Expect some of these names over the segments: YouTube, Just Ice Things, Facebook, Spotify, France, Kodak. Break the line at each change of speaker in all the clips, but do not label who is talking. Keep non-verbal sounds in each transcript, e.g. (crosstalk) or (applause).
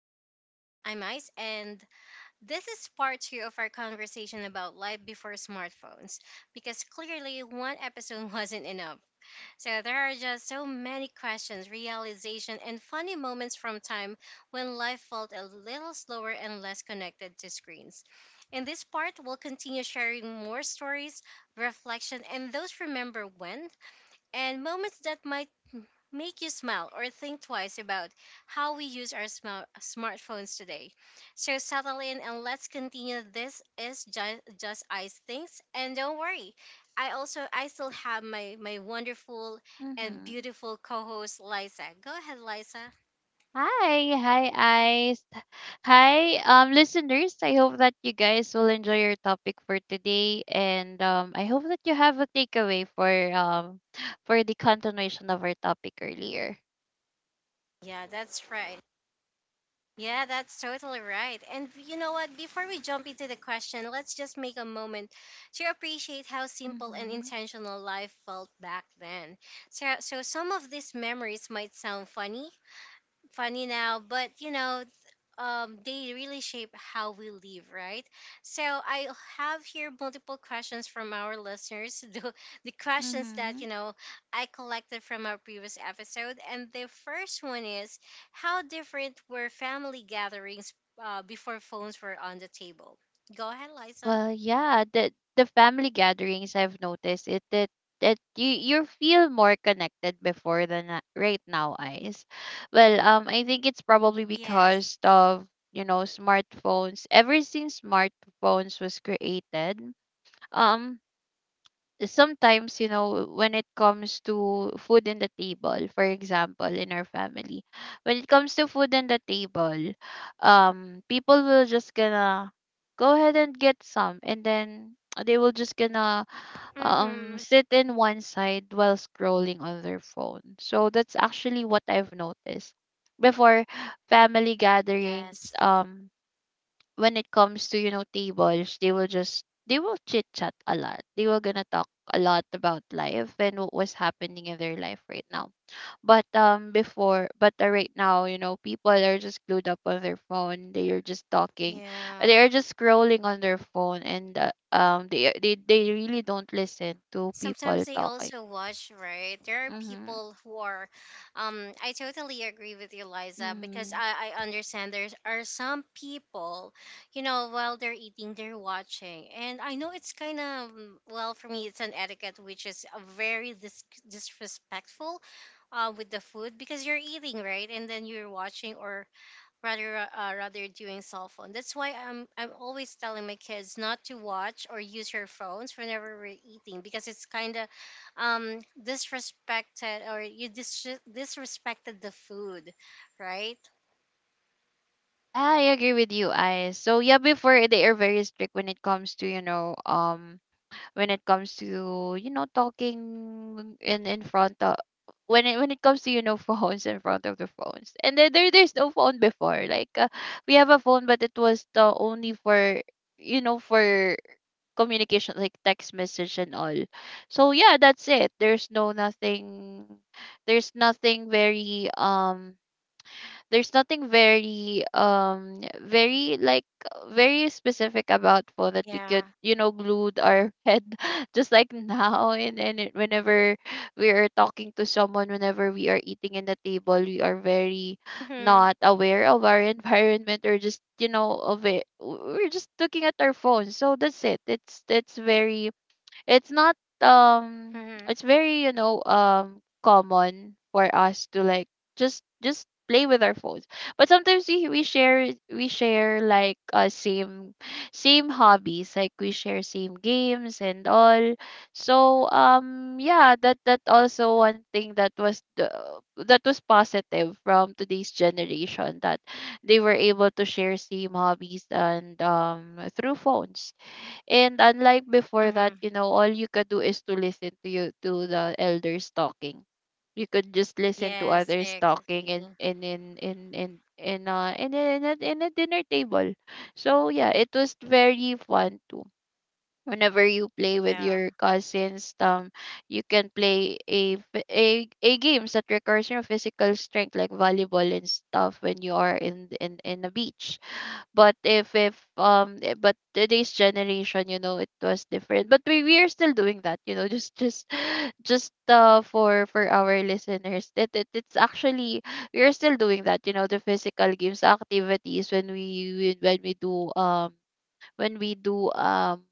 Ice Things. I'm Ice, and this is part two of our conversation about life before smartphones because clearly one episode (laughs) wasn't enough. So there are just so many questions, realization, and funny moments from time when life felt a little slower and less connected to screens. In this part, we'll continue sharing more stories, reflection, and those remember when and moments that might make you smile or think twice about how we use our smartphones today. So settle in and let's continue. This is just Ice Things, and don't worry, I still have my wonderful and
Mm-hmm.
beautiful co-host Liza. Go ahead, Liza.
Hi, hi, eyes. Hi, listeners. I hope that you guys will enjoy your topic for today, and I hope that you have a takeaway for the continuation of our topic earlier.
Yeah, that's right. Yeah, that's totally right. And you know what? Before we jump into the question, let's just make a moment to appreciate how simple and
Mm-hmm.
intentional life felt back then. So, some of these memories might sound funny now, but you know, they really shape how we live, right? So I have here multiple questions from our listeners, (laughs) the questions that
Mm-hmm.
you know I collected from our previous episode, and the first one is, how different were family gatherings before phones were on the table? Go ahead, Liza.
Well, yeah, the family gatherings I've noticed it that that you feel more connected before than right now, eyes. Well, I think it's probably
Yes.
because of you know smartphones. Ever since smartphones was created, um, sometimes you know when it comes to food in the table, for example, in our family when it comes to food in the table um, people will just gonna go ahead and get some, and then (tsk) they will just gonna
Mm-hmm.
sit in one side while scrolling on their phone. So that's actually what I've noticed before. Family gatherings,
Yes.
um, when it comes to, you know, tables, they will chit chat a lot. They were gonna talk a lot about life and what was happening in their life right now, but right now you know people are just glued up on their phone. They are just talking, they
Yeah.
are just scrolling on their phone, and they really don't listen to people
Sometimes I
talking.
also watch, right? There are
Mm-hmm.
people who I totally agree with you, Liza, because
Mm-hmm.
I understand there are some people, you know, while they're eating, they're watching. And I know it's kind of, well, for me, it's an etiquette which is a very disrespectful, with the food because you're eating, right? And then you're watching or rather doing cell phone. That's why I'm always telling my kids not to watch or use your phones whenever we're eating because it's kind of disrespected or you disrespected the food, right?
Yeah, I agree with you, I. So yeah, before they are very strict when it comes to, you know, um, when it comes to you know talking in front of when it comes to you know (laughs) phones, in front of the phones. And then there's no phone before, like, we have a phone but it was the only for you know for communication, like text message and all. So yeah, that's it, there's no nothing, there's nothing very um, there's nothing very um very like very specific about phone that we could
Yeah.
you know glued our head (laughs) just like now. And whenever we are talking to someone, whenever we are eating in the table, we are very
Mhm.
not aware of our (laughs) environment, or just you know of it, we're just looking at our phones. So that's it, it's very, it's not um,
Mhm.
it's very you know common for us to like just play with our phones. But sometimes we share, we share like uh, same same hobbies, like we share same games and all. So yeah, that that also one thing that was the, that was positive from today's generation, that they were able to share same hobbies and through phones, and unlike before that,
Mhm.
you know, all you could do is to listen to you to the elders talking. You could just listen to
Yes,
others
I
talking
agree.
in a, in a, in a dinner table. So yeah, it was very fun too. Whenever you play with
Yeah.
your cousins, you can play a, f- a games that requires your physical strength, like volleyball and stuff, when you are in a beach. But if if um eh, but today's generation you know it was different, but we are still doing that, you know, just (laughs) (sighs) just uh, for our listeners, that it, it's actually we are still doing that, you know, the physical games activities when we do um, when we do um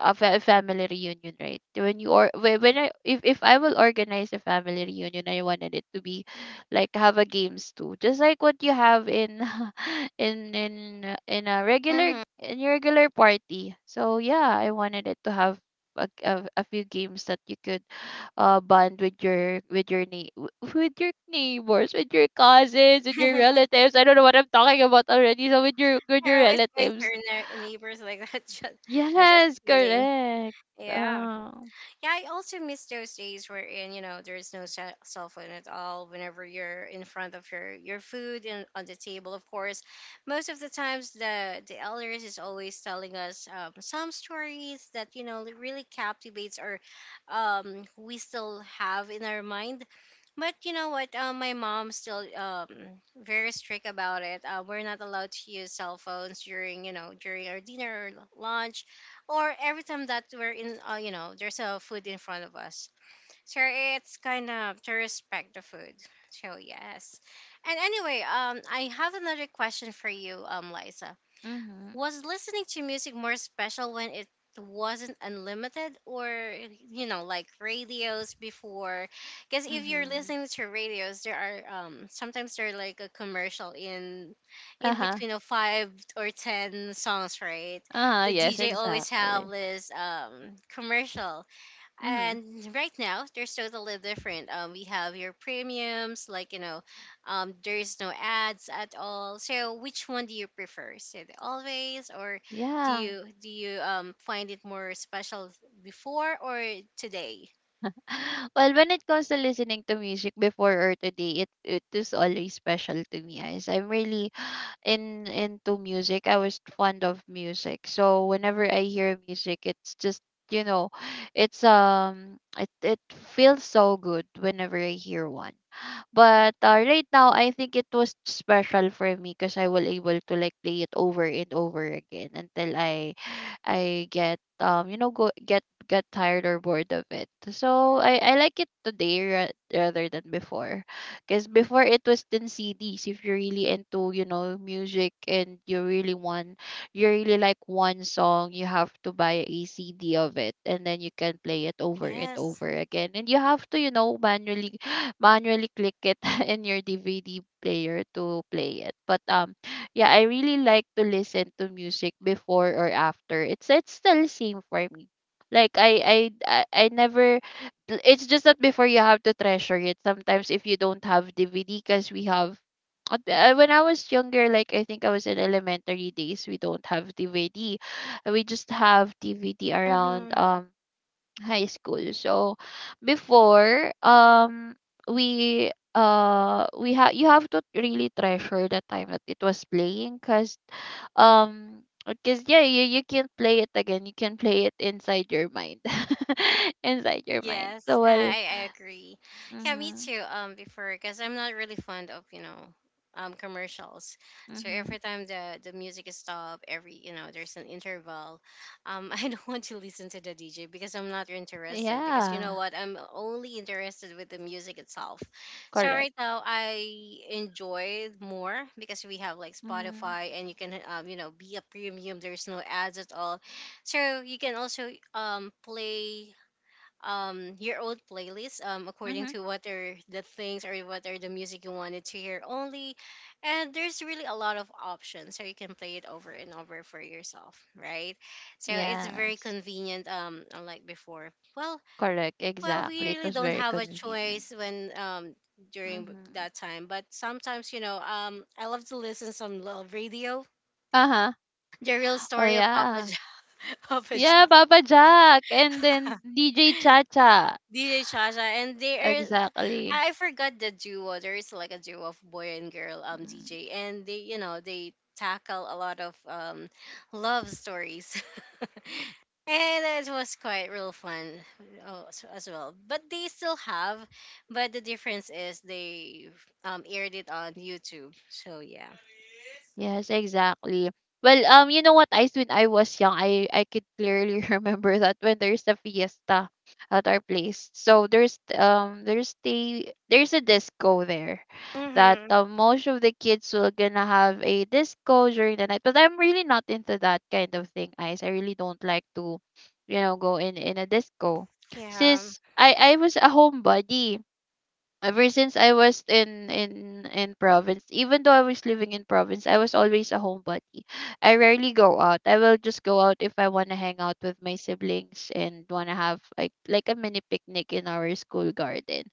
a family reunion, right? When you or when I, if I will organize a family reunion, I wanted it to be like have a games too, just like what you have in (laughs) in a regular,
Mhm.
in your regular party. So yeah, I wanted it to have a few games that you could bond with your with your with your neighbors, with your cousins, with your
(laughs)
relatives. I don't know what I'm talking about already. So with
You're
your
always going to
relatives.
your neighbors like that. (laughs) I'm just
Yes,
kidding.
correct.
Yeah.
Uh.
Yeah, I also miss those days wherein, you know, there's no cell phone at all whenever you're in front of your food and on the table, of course. Most of the times, the elders is always telling us some stories that, you know, really captivates or, we still have in our mind. But you know what? My mom's still, very strict about it. We're not allowed to use cell phones during, you know, during our dinner or lunch or every time that we're in, you know, there's a food in front of us, so it's kind of to respect the food. So yes. And anyway, I have another question for you, Liza.
Mhm.
Was listening to music more special when it wasn't unlimited, or you know, like radios before? Because if you're
Mhm.
listening to radios, there are, sometimes there are like a commercial in
Uh-huh.
between of five or ten songs, right?
Uh-huh.
The
Yes,
DJ always have
exactly.
this commercial.
Mhm.
And right now there's totally different. We have your premiums, like, you know, there's no ads at all. So which one do you prefer, so the always? Or do
Yeah.
you find it more special before or today?
(sighs) (laughs) Well, when it comes to listening to music before or today, it is always special to me, guys. I'm really in into music. I was fond of music. So whenever I hear music, it's just, you know, it's um, it feels so good whenever I hear one. But right now, I think it was special for me, because I will able to like play it over and over again until I get um, you know, go get tired or bored of it. So I like it today rather than before. Because before it was then CDs. If you're really into, you know, music and you really want, you really like one song, you have to buy a CD of it, and then you can play it over and
Yes.
over again. And you have to, you know, manually, (gasps) (laughs) manually click it (laughs) in your DVD player to play it. But yeah, I really like to listen to music before or after. It's still same for me. Like I I I never it's just that before you have to treasure it sometimes if you don't have dvd, because we have when I was younger, like I think I was in elementary days, we don't have dvd. We just have dvd around
Mm-hmm.
high school. So before um, we have, you have to really treasure the time that it was playing, cuz um, because yeah, you can not play it again, you can play it inside your mind (laughs) inside your mind.
Yes,
So
I,
well.
I I agree. Yeah, me
Mhm.
too. Before, because I'm not really fond of, you know, commercials. So
Mhm.
every time the music is stopped, every, you know, there's an interval. (laughs) I don't want to listen to the DJ because I'm not interested. Because you know
Yeah,
what, I'm only interested with the music itself. So
correct.
right now I enjoy more because we have like
Mhm.
Spotify, and you can you know be a premium. There's no ads at all, so you can also play your old playlist according
Mhm.
to what are the things or what are the music you wanted to hear only. And there's really a lot of options, so you can play it over and over for yourself, right? So it's very
Yes,
convenient, unlike before. Well,
correct,
well we
exactly, it
really
was
don't
very
have a
convenient.
choice when, during
Mhm.
that time. But sometimes, you know, I love to listen some love radio,
Uh-huh.
the real
Well
story of Papa
yeah.
John, (laughs) Papa
Yeah,
John,
Papa Jack, and then DJ Chacha.
DJ Shasha. And they are,
Exactly.
I forgot the duo. There is like a duo of boy and girl
Mm.
DJ, and they, you know, they tackle a lot of love stories, (laughs) and it was quite real fun, as well. But they still have, but the difference is they aired it on YouTube. So yeah.
Yes, exactly. Well, you know what, Ice, when I was young, I could clearly (laughs) remember that when there's a fiesta at our place. So there's um, there's the, there's a disco there, that
Mm-hmm.
most of the kids will gonna have a disco during the night. But I'm really not into that kind of thing, Ice. I really don't like to, you know, go in a disco.
Yeah.
Since I was a homebody. Ever since I was in province, even though I was living in province, I was always a homebody. I rarely go out. I will just go out if I want to hang out with my siblings and want to have like a mini picnic in our school garden.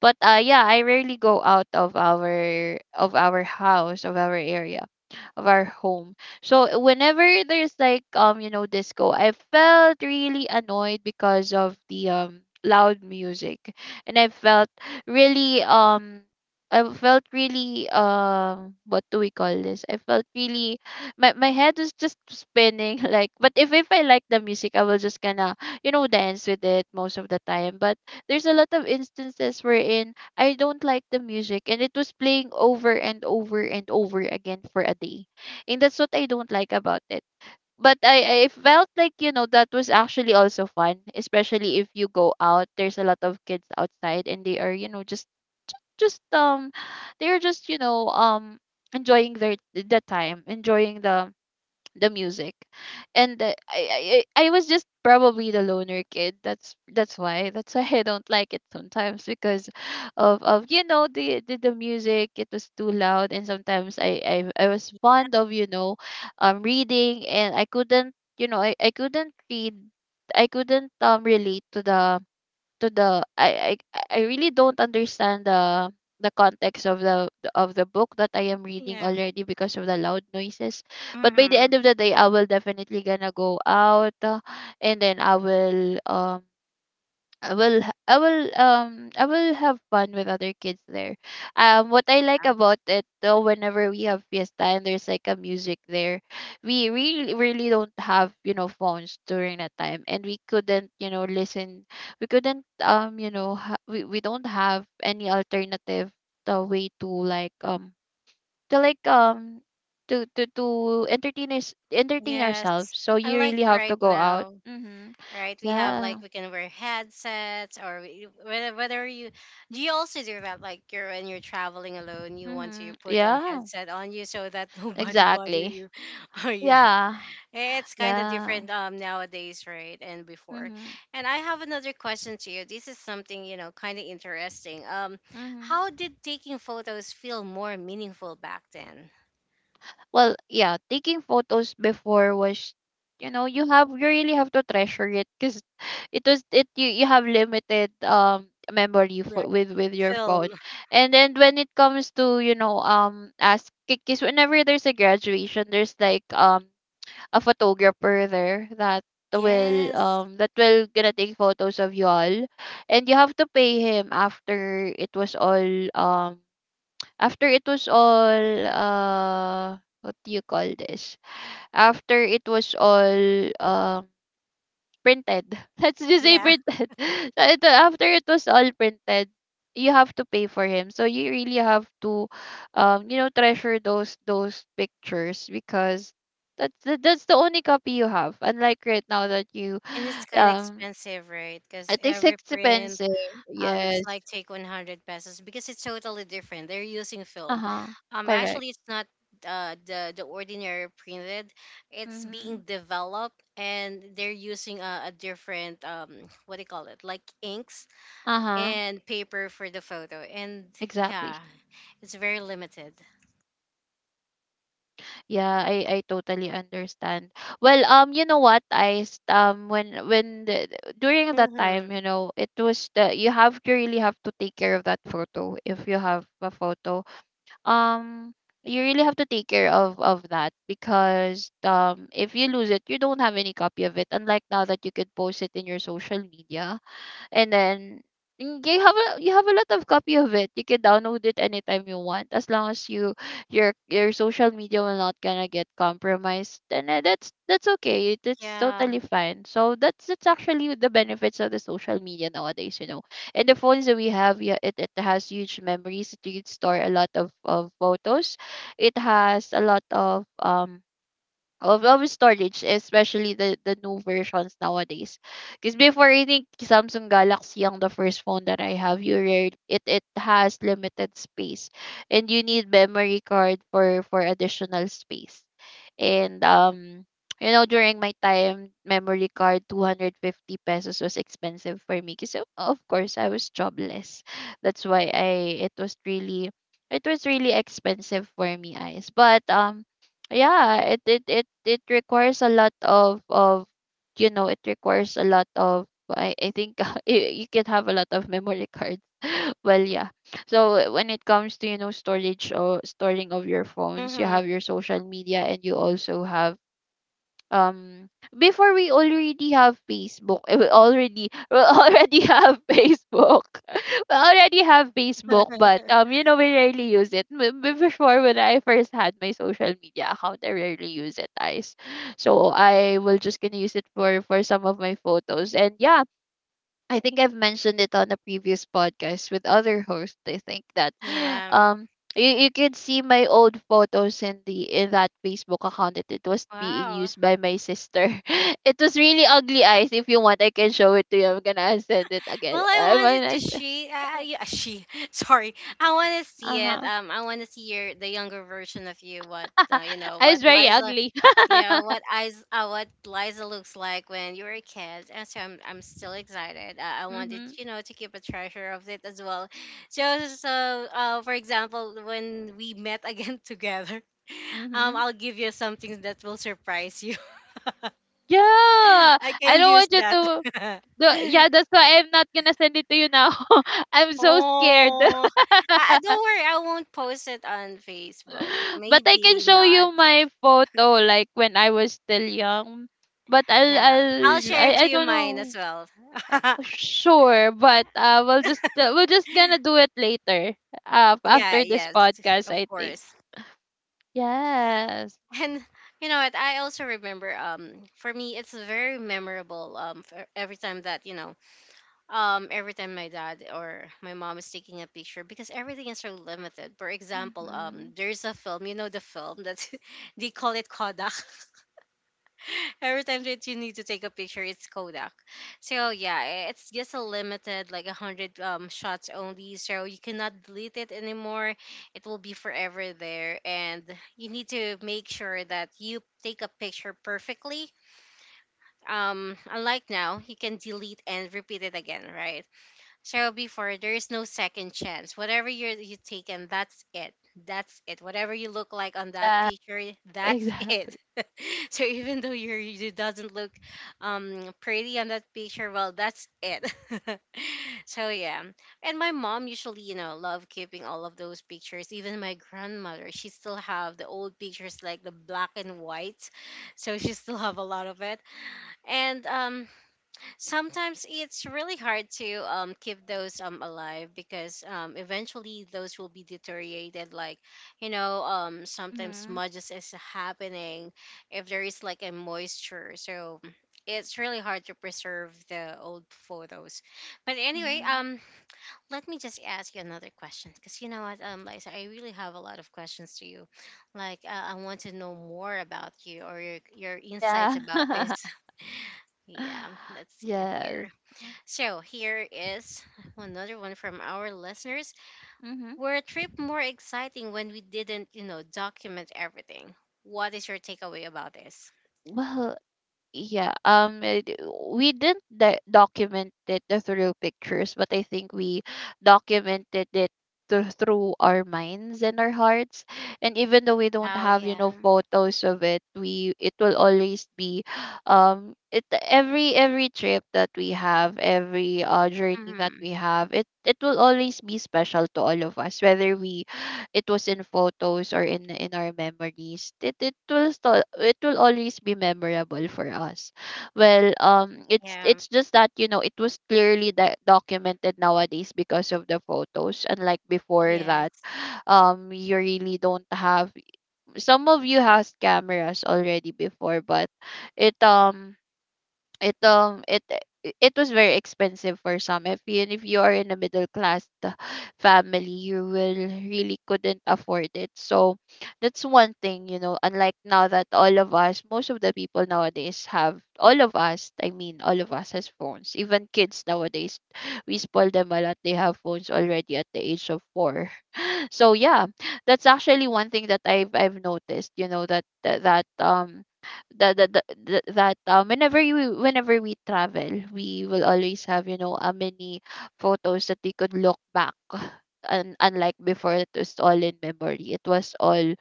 But yeah, I rarely go out of our, of our house, of our area, of our home. So whenever there's like um, you know, disco, I felt really annoyed because of the loud music. And I felt really um, I felt really um, what do we call this? I felt really, my head was just spinning (laughs) like. But if I like the music, I will just gonna, you know, dance with it most of the time. But there's a lot of instances wherein I don't like the music, and it was playing over and over and over again for a day, and that's what I don't like about it. But I felt like, you know, that was actually also fun, especially if you go out. There's a lot of kids outside and they are, you know, just um, they're just, you know, um, enjoying their the time, enjoying the music. And the, I I was just probably the loner kid, that's that's why I don't like it sometimes, because of you know the music, it was too loud. And sometimes I was fond of you know reading, and I couldn't you know, I couldn't read, I couldn't relate to the to the, I really don't understand the context of the book that I am reading
Yeah.
already, because of the loud noises. But by the
Mm-hmm.
end of the day, I will definitely gonna go out, and then I will um, I will um, I will have fun with other kids there. Um, what I like about it though, whenever we have fiesta and there's like a music there, we really really don't have, you know, phones during that time, and we couldn't, you know, listen. We couldn't you know, we don't have any alternative, the way to like um, to like um to entertain us, entertain ourselves.
Yes.
So
I
you
like
really have
right
to go out.
now,
Mhm.
right? We have like
Yeah.
we can wear headsets, or we, whether you, do you also do that, like, you're when you're traveling alone you want to
Mhm.
put on
Yeah.
headset on you so that (laughs) nobody bother
Exactly.
you. (laughs) Oh yeah,
Yeah.
it's kind of
Yeah.
different nowadays, right? And before.
Mhm.
And I have another question to you. This is something you know kind of interesting.
Mhm.
How did taking photos feel more meaningful back then?
Well, yeah, taking photos before was, you know, you have, you really have to treasure it, cuz (sighs) it was it, you have limited memory for
Right.
with your
Film.
phone. And then when it comes to, ask cuz whenever there's a graduation, there's like a photographer there
Yes.
that will gonna take photos of y'all, and you have to pay him after it was all uh, what do you call this, after it was all printed. (laughs) Let's just say
Yeah.
printed. (laughs) So after it was all printed, you have to pay for him. So you really have to, treasure those pictures because that's the only copy you have. Unlike right now that you,
And it's
(sighs)
kind of
um,
expensive, right? Because
it is
every print.
expensive.
It's
Yes.
like take 100 pesos because it's totally different. They're using
Uh
film.
huh. Correct.
Actually, it's not, the ordinary printed. It's
Mm-hmm.
being developed, and they're using a different, what do you call it? Like inks
Uh huh.
and paper for the photo. And
Exactly.
yeah, it's very limited.
Yeah, I totally understand. Well, you know what? I s- when the, During that time,
Hmm.
you know, it was the you really have to take care of that photo if you have a photo. Um, you really have to take care of that because if you lose it, you don't have any copy of it. Unlike now that you could post it in your social media, and then you have a lot of copy of it. You can download it anytime you want, as long as your social media will not gonna get compromised. And that's okay. It's
Yeah.
totally fine. So that's actually the benefits of the social media nowadays. And the phones that we have, yeah, it has huge memories. It can store a lot of photos. It has a lot of storage, especially the new versions nowadays. Because before, I think Samsung Galaxy ang the first phone that I have. You read it has limited space, and you need memory card for additional space. And um, During my time, memory card 250 pesos was expensive for me. Because of course, I was jobless. That's why I it was really expensive for me, eyes. But yeah, it requires a lot of it requires a lot of I think. (laughs) You can have a lot of memory cards. (laughs) Well, yeah, so when it comes to, storage or storing of your phones, you
Hmm.
have your social media, and you also have um before, we already have Facebook eh, we already (laughs) we already have Facebook (laughs) we already have Facebook, but we rarely use it. Before, when I first had my social media account, I rarely use it guys. So I will just gonna use it for some of my photos, and yeah, I think I've mentioned it on a previous podcast with other hosts. I think that (gasps)
Yeah.
um you could see my old photos in the in that Facebook account that it was being
Wow.
used by my sister. (laughs) It was really ugly eyes. If you want, I can show it to you. I'm gonna send it
Well,
again. (laughs)
I wanted to see. Yeah, she. (laughs) Sorry, I want to see it.
Uh-huh.
I want to see your the younger version of you. What, you
(laughs)
know,
I was
what
very
Liza,
ugly.
yeah,
(laughs)
what eyes, what Liza looks like when you were a kid. And so I'm still excited. I wanted,
Mhm.
you know, to keep a treasure of it as well. So, so, for example, when we met again (laughs) together,
Mhm.
I'll give you something that will surprise you. (laughs)
Yeah.
I
I
can
don't
use
want you
that.
to.
(laughs)
Yeah, that's why I'm not gonna send it to you now. (laughs) I'm so scared. (laughs)
Oh, don't worry. I won't post it on Facebook.
(laughs) But I can
Maybe
show
not.
you my photo like when I was still young. But I'll
Yeah,
I'll
I'll
I,
share
I
to you
don't
mine as
know.
well. (laughs)
Sure, but we're just gonna do it later.
Yeah,
After this
yes, (laughs)
podcast,
of
I think.
course.
Yes.
And you know what? I also remember. For me, it's very memorable. For every time that you know, every time my dad or my mom is taking a picture because everything is so limited. For example,
Mm-hmm.
there's a film. You know the film that (laughs) they call it Kodak. Every time that you need to take a picture, it's Kodak. So yeah, it's just a limited, like, 100 shots only. So you cannot delete it anymore. It will be forever there, and you need to make sure that you take a picture perfectly. Unlike now, you can delete and repeat it again, right? So before there is no second chance. Whatever you take, and that's it. That's it. Whatever you look like on that
Yes,
picture, that's it.
exactly.
(laughs) So even though you doesn't look pretty on that picture, well, that's it. (laughs) So yeah. And my mom usually, you know, love keeping all of those pictures. Even my grandmother, she still have the old pictures like the black and white. So she still have a lot of it. And sometimes it's really hard to, keep those, alive because, eventually those will be deteriorated, like, you know, sometimes
Mhm.
smudges is happening if there is like a moisture. So it's really hard to preserve the old photos. But anyway,
Mhm.
let me just ask you another question, because you know what, Liza, I really have a lot of questions to you, like, I want to know more about you or your insights
Yeah.
about this.
(laughs)
(laughs) Yeah, let's see
Yes.
here. So here is another one from our listeners.
Mhm.
Were a trip more exciting when we didn't, you know, document everything? What is your takeaway about this?
Well, yeah, we didn't document it through pictures, but I think we documented it through our minds and our hearts. And even though we don't
Oh
have,
yeah.
photos of it, we it will always be it every trip that we have, every journey
Mm-hmm.
that we have, it will always be special to all of us, whether we it was in photos or in our memories. It will always be memorable for us. Well, it's
Yeah.
it's just that, it was clearly that documented nowadays because of the photos, unlike before that.
Yes.
You really don't have, some of you has cameras already before, but it um it um it it was very expensive for some. If you are in a middle class family, you will really couldn't afford it, so that's one thing, unlike now that all of us most of the people nowadays have all of us I mean, all of us has phones, even kids nowadays. We spoil them a lot, they have phones already at the age of 4. (laughs) So yeah, that's actually one thing that I've noticed, whenever we travel, we will always have, a many photos that we could look back. And unlike before, it was all in memory, it was all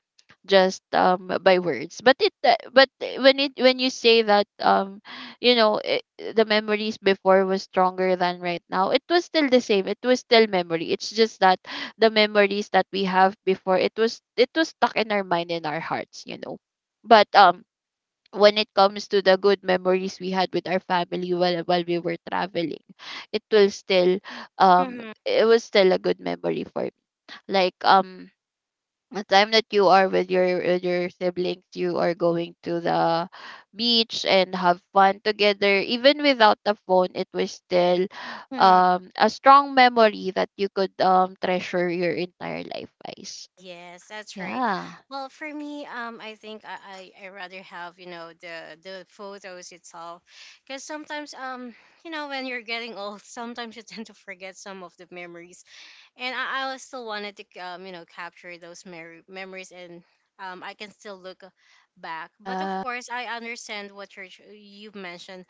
just by words. But it but when it when you say that, it, the memories before was stronger than right now, it was still the same, it was still memory, it's just that the memories that we have before, it was stuck in our mind, in our hearts, but when it comes to the good memories we had with our family, while we were traveling, it will still
Mm-hmm.
it was still a good memory for me. Like the time that you are with your siblings, you are going to the beach and have fun together, even without the phone, it was still
Hmm.
a strong memory that you could treasure your entire life guys.
Yes, that's right.
Yeah,
Well, for me, I think I rather have, you know, the photos itself, because sometimes, you know, when you're getting old, sometimes you tend to forget some of the memories, and I still wanted to, you know, capture those memories, and, I can still look, back. But of
yeah,
course, I understand what you've mentioned,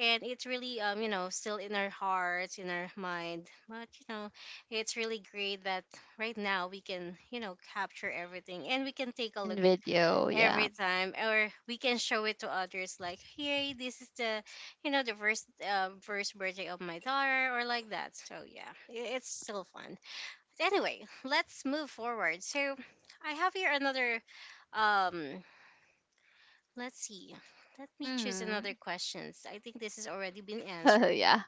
and it's really, you know, still in our hearts, in our mind. But you know, it's really great that right now we can, you know, capture everything, and we can take a
in
look at
video, yeah,
every time, or we can show it to others. Like, hey, this is the you know the first, first birthday of my daughter, or like that. So yeah, it's still fun. Anyway, let's move forward. So I have here another, um let's see. Let me choose
mm-hmm.
another questions. I think this has already been
(laughs)
answered.
Yeah.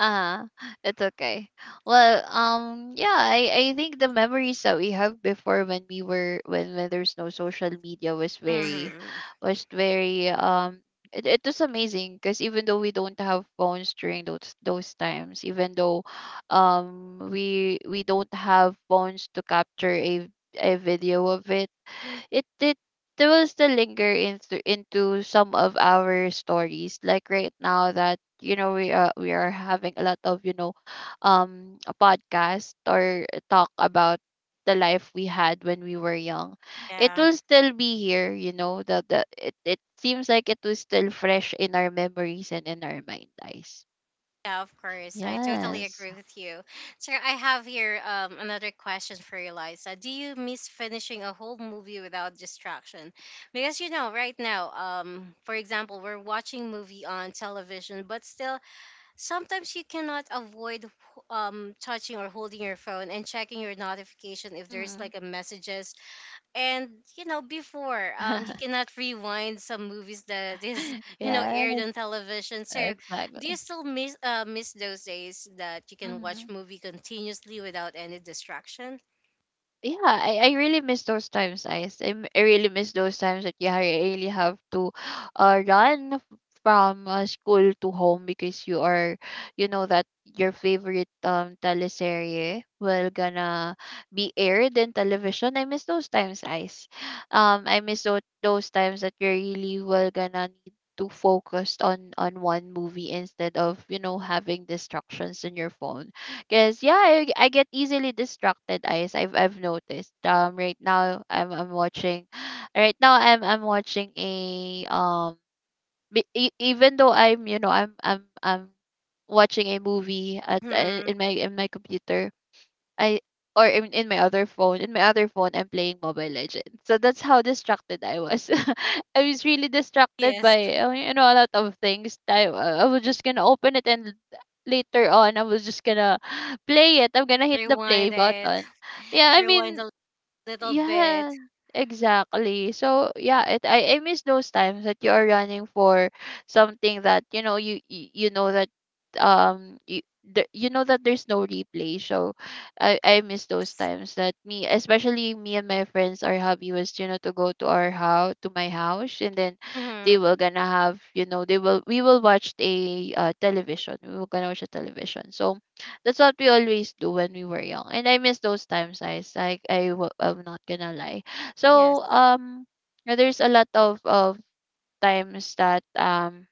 Uh, it's okay. Well, yeah, I think the memories that we have before, when we were when there's no social media was very,
Hmm.
was very um it was amazing, because even though we don't have phones during those times, even though we don't have phones to capture a video of it, it, it they will still linger into some of our stories, like right now that, we are having a lot of, a podcast or talk about the life we had when we were young. It
Yeah.
will still be here, the it seems like it was still fresh in our memories and in our mind eyes.
Yeah, of course. I totally
Yes.
agree with you. So I have here, another question for you, Liza. Do you miss finishing a whole movie without distraction? Because you know, right now, for example, we're watching movie on television, but still sometimes you cannot avoid touching or holding your phone and checking your notification if there's
Mm.
like a messages. And you know before, you
(laughs)
cannot rewind some movies that is (laughs) you know
Yeah,
aired on television. So do you
exactly.
still miss, those days that you can
Mm-hmm.
watch movie continuously without any distraction?
Yeah, I really miss those times, Ice. I really miss those times that, yeah, really have to (gasps) uh, run f- from school to home because you are, that your favorite teleserye will gonna be aired in television. I miss those times, Ice. I miss those times that you really will gonna need to focus on one movie, instead of, having distractions in your phone. Cause yeah, I get easily distracted. Eyes, I've noticed. Right now I'm watching, (sighs) right now I'm watching a. Even though I'm you know I'm watching a movie at
Hmm.
in my computer. I Or in my other phone. In my other phone, I'm playing Mobile Legends. So that's how distracted I was. (laughs) I was really distracted
Yes.
by, a lot of things. I was just gonna open it, and later on I was just gonna (gasps) (sighs) play it. I'm gonna hit the play
Rewind it.
button. Yeah, I
Rewind
mean,
a little bit.
yeah, exactly. So yeah, I miss those times that you are running for something that, you know that, um you you know that there's no replay. So I miss those times that, me especially me and my friends, our hobby was, to go to our house to my house, and then they
Hmm.
were gonna have you know they will we were gonna watch a television. So that's what we always do when we were young. And I miss those times, like I'm not gonna lie.
Yes.
So there's a lot of times that um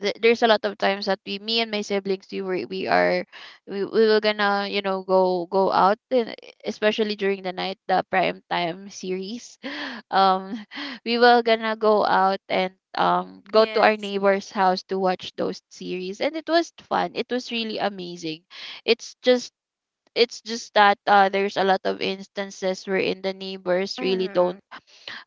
th- there's a lot of times that we me and my siblings, we were we are we were gonna, go out, and especially during the night, the prime time series, (laughs) um (laughs) we were gonna go out and go to our
Yes.
neighbor's house to watch those series, and it was fun, it was really amazing. It's just it's just that, there's a lot of instances wherein the neighbors really
Hmm.
don't,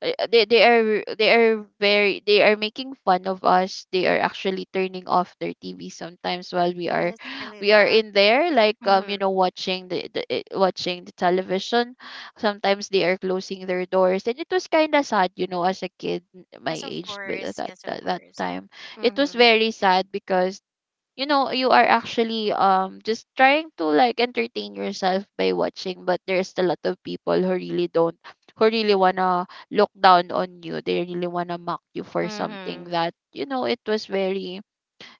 they are making fun of us. They are actually turning off their TV sometimes while we
Oh,
are
that's really
we are
bad.
in there like
Hmm.
watching watching the television. Sometimes they are closing their doors and it was kind of sad, you know, as a kid, my
Yes, of
age but at
course.
that,
Yes, of
that that
course.
time. It was
Mm-hmm.
very sad because you know you are actually just trying to like entertain yourself by watching, but there's a lot of people who really don't, who really wanna look down on you. They really wanna mock you for something
Mm-hmm.
that you know it was very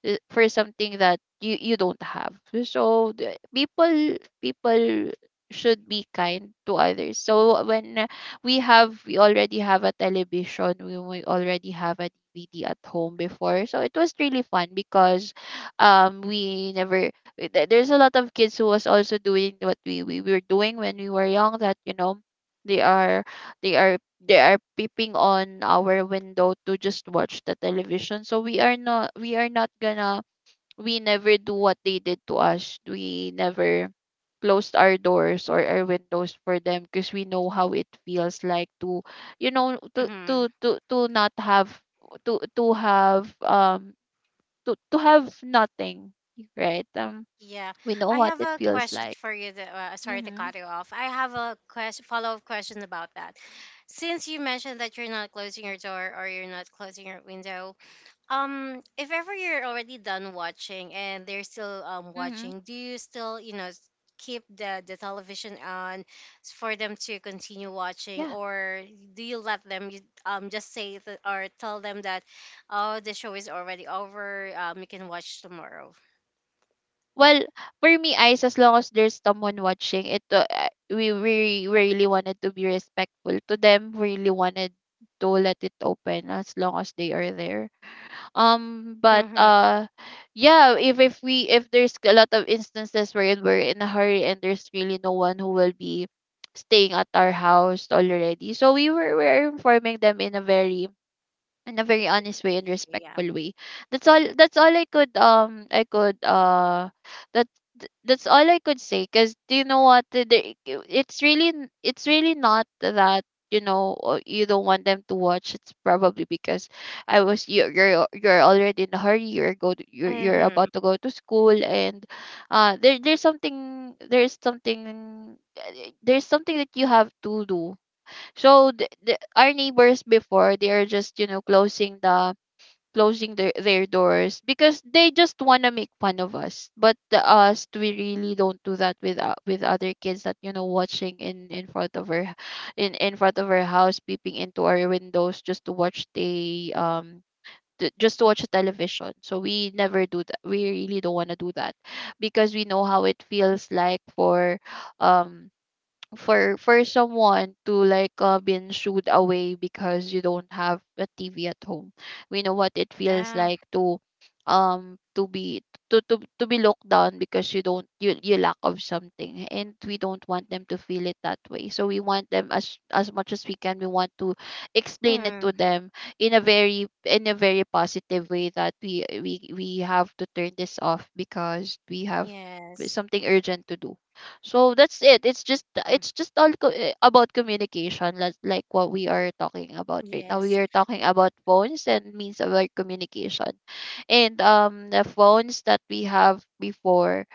for something that you don't have. So people should be kind to others. So when we already have a television. We already have a dvd at home before, so it was really fun because we never th- there's a lot of kids who was also doing what we were doing when we were young, that you know they are they are peeping on our window to just watch the television. So we are not gonna we never do what they did to us. We never closed our doors or our windows for them because we know how it feels like to, you know, to
Mm-hmm.
to to, to not have, to have to have nothing, right?
Yeah.
We know
I
what
have
it
a
feels
question
like.
for you. That, sorry to
Mhm.
cut you off. I have a question, follow-up question about that. Since you mentioned that you're not closing your door or you're not closing your window, if ever you're already done watching and they're still
Mhm.
watching, do you still, you know, keep the television on, for them to continue watching?
Yeah.
Or do you let them, just say that, or tell them that, oh, the show is already over, you can watch tomorrow.
Well, for me, Ice, as long as there's someone watching, it we really wanted to be respectful to them. We really wanted to let it open as long as they are there. But
Mm-hmm.
Yeah, if there's a lot of instances where we're in a hurry and there's really no one who will be staying at our house already, so we are informing them in a very, in a very honest way and
Yeah.
respectful way. That's all. That's all I could that that's all I could say. Cause do you know what? It's really it's really not that you know you don't want them to watch. It's probably because I was you're already in a hurry. You're
Mm-hmm.
about to go to school and uh there there's something there's something uh, there's something that you have to do. So our neighbors before, they are just, you know, closing their doors because they just wanna make fun of us. But us, we really don't do that with with other kids that you know watching in front of our house, peeping into our windows just to watch just to watch the television. So we never do that. We really don't wanna do that because we know how it feels like for um for someone to like been shooed away because you don't have a TV at home. We know what it feels
Yeah.
like to be to to be locked down because you don't you, you lack of something, and we don't want them to feel it that way. So we want them, as much as we can, we want to explain it to
Mm.
them in a very, in a very positive way that we have to turn this off because we have
Yes.
something urgent to do. So that's it. It's just,
Mm.
it's just all about communication, like what we are talking about right now. We
Yes.
are talking about phones and means of our communication, and the phones that we have before.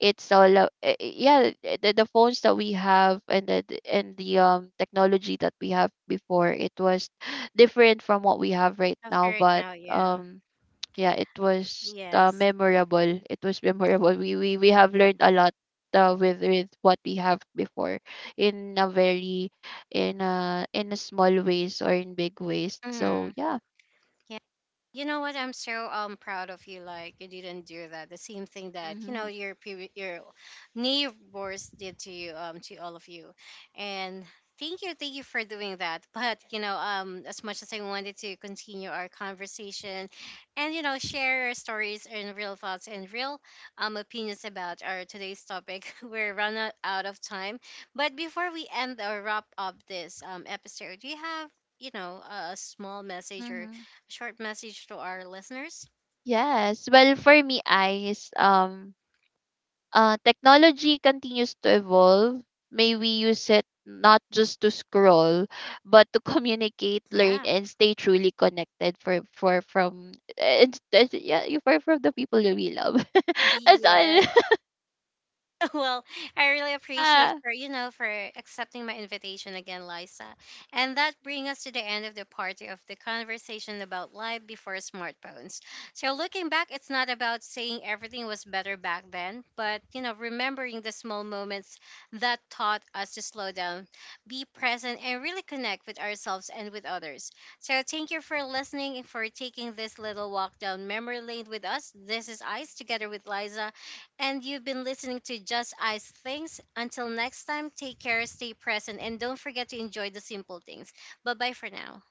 It's all the phones that we have and the technology that we have before. It was different from what we have right
After
now,
it
but
now, yeah.
yeah, it was
Yes.
memorable. It was memorable. We have
Yeah.
learned a lot with what we have before, in a very, in a small ways or in big ways. So
Mm-hmm.
yeah.
You know what? I'm so proud of you. Like you didn't do that. The same thing that you know
Mhm.
your your neighbors did to you, to all of you, and thank you for doing that. (laughs) But you know, as much as I wanted to continue our conversation, and you know share our stories and real thoughts and real opinions about our today's topic, (laughs) we're run out of time. But before we end or wrap up this episode, do you have, you know, a small message or
Mhm.
short message to our listeners?
Yes. Well, for me, eyes. Technology continues to evolve. May we use it not just to scroll, but to communicate, learn,
Yeah.
and stay truly connected for from and yeah, for from the people that we love.
(laughs)
(laughs) That's all.
Yes.
(laughs)
(laughs) Well, I really appreciate
Yeah.
for, you know, for accepting my invitation again, Liza. And that brings us to the end of the party of the conversation about life before smartphones. So looking back, it's not about saying everything was better back then, but you know, remembering the small moments that taught us to slow down, be present, and really connect with ourselves and with others. So thank you for listening and for taking this little walk down memory lane with us. This is Ice together with Liza, and you've been listening to Just Ice Things. Until next time, take care, stay present, and don't forget to enjoy the simple things. Bye bye for now.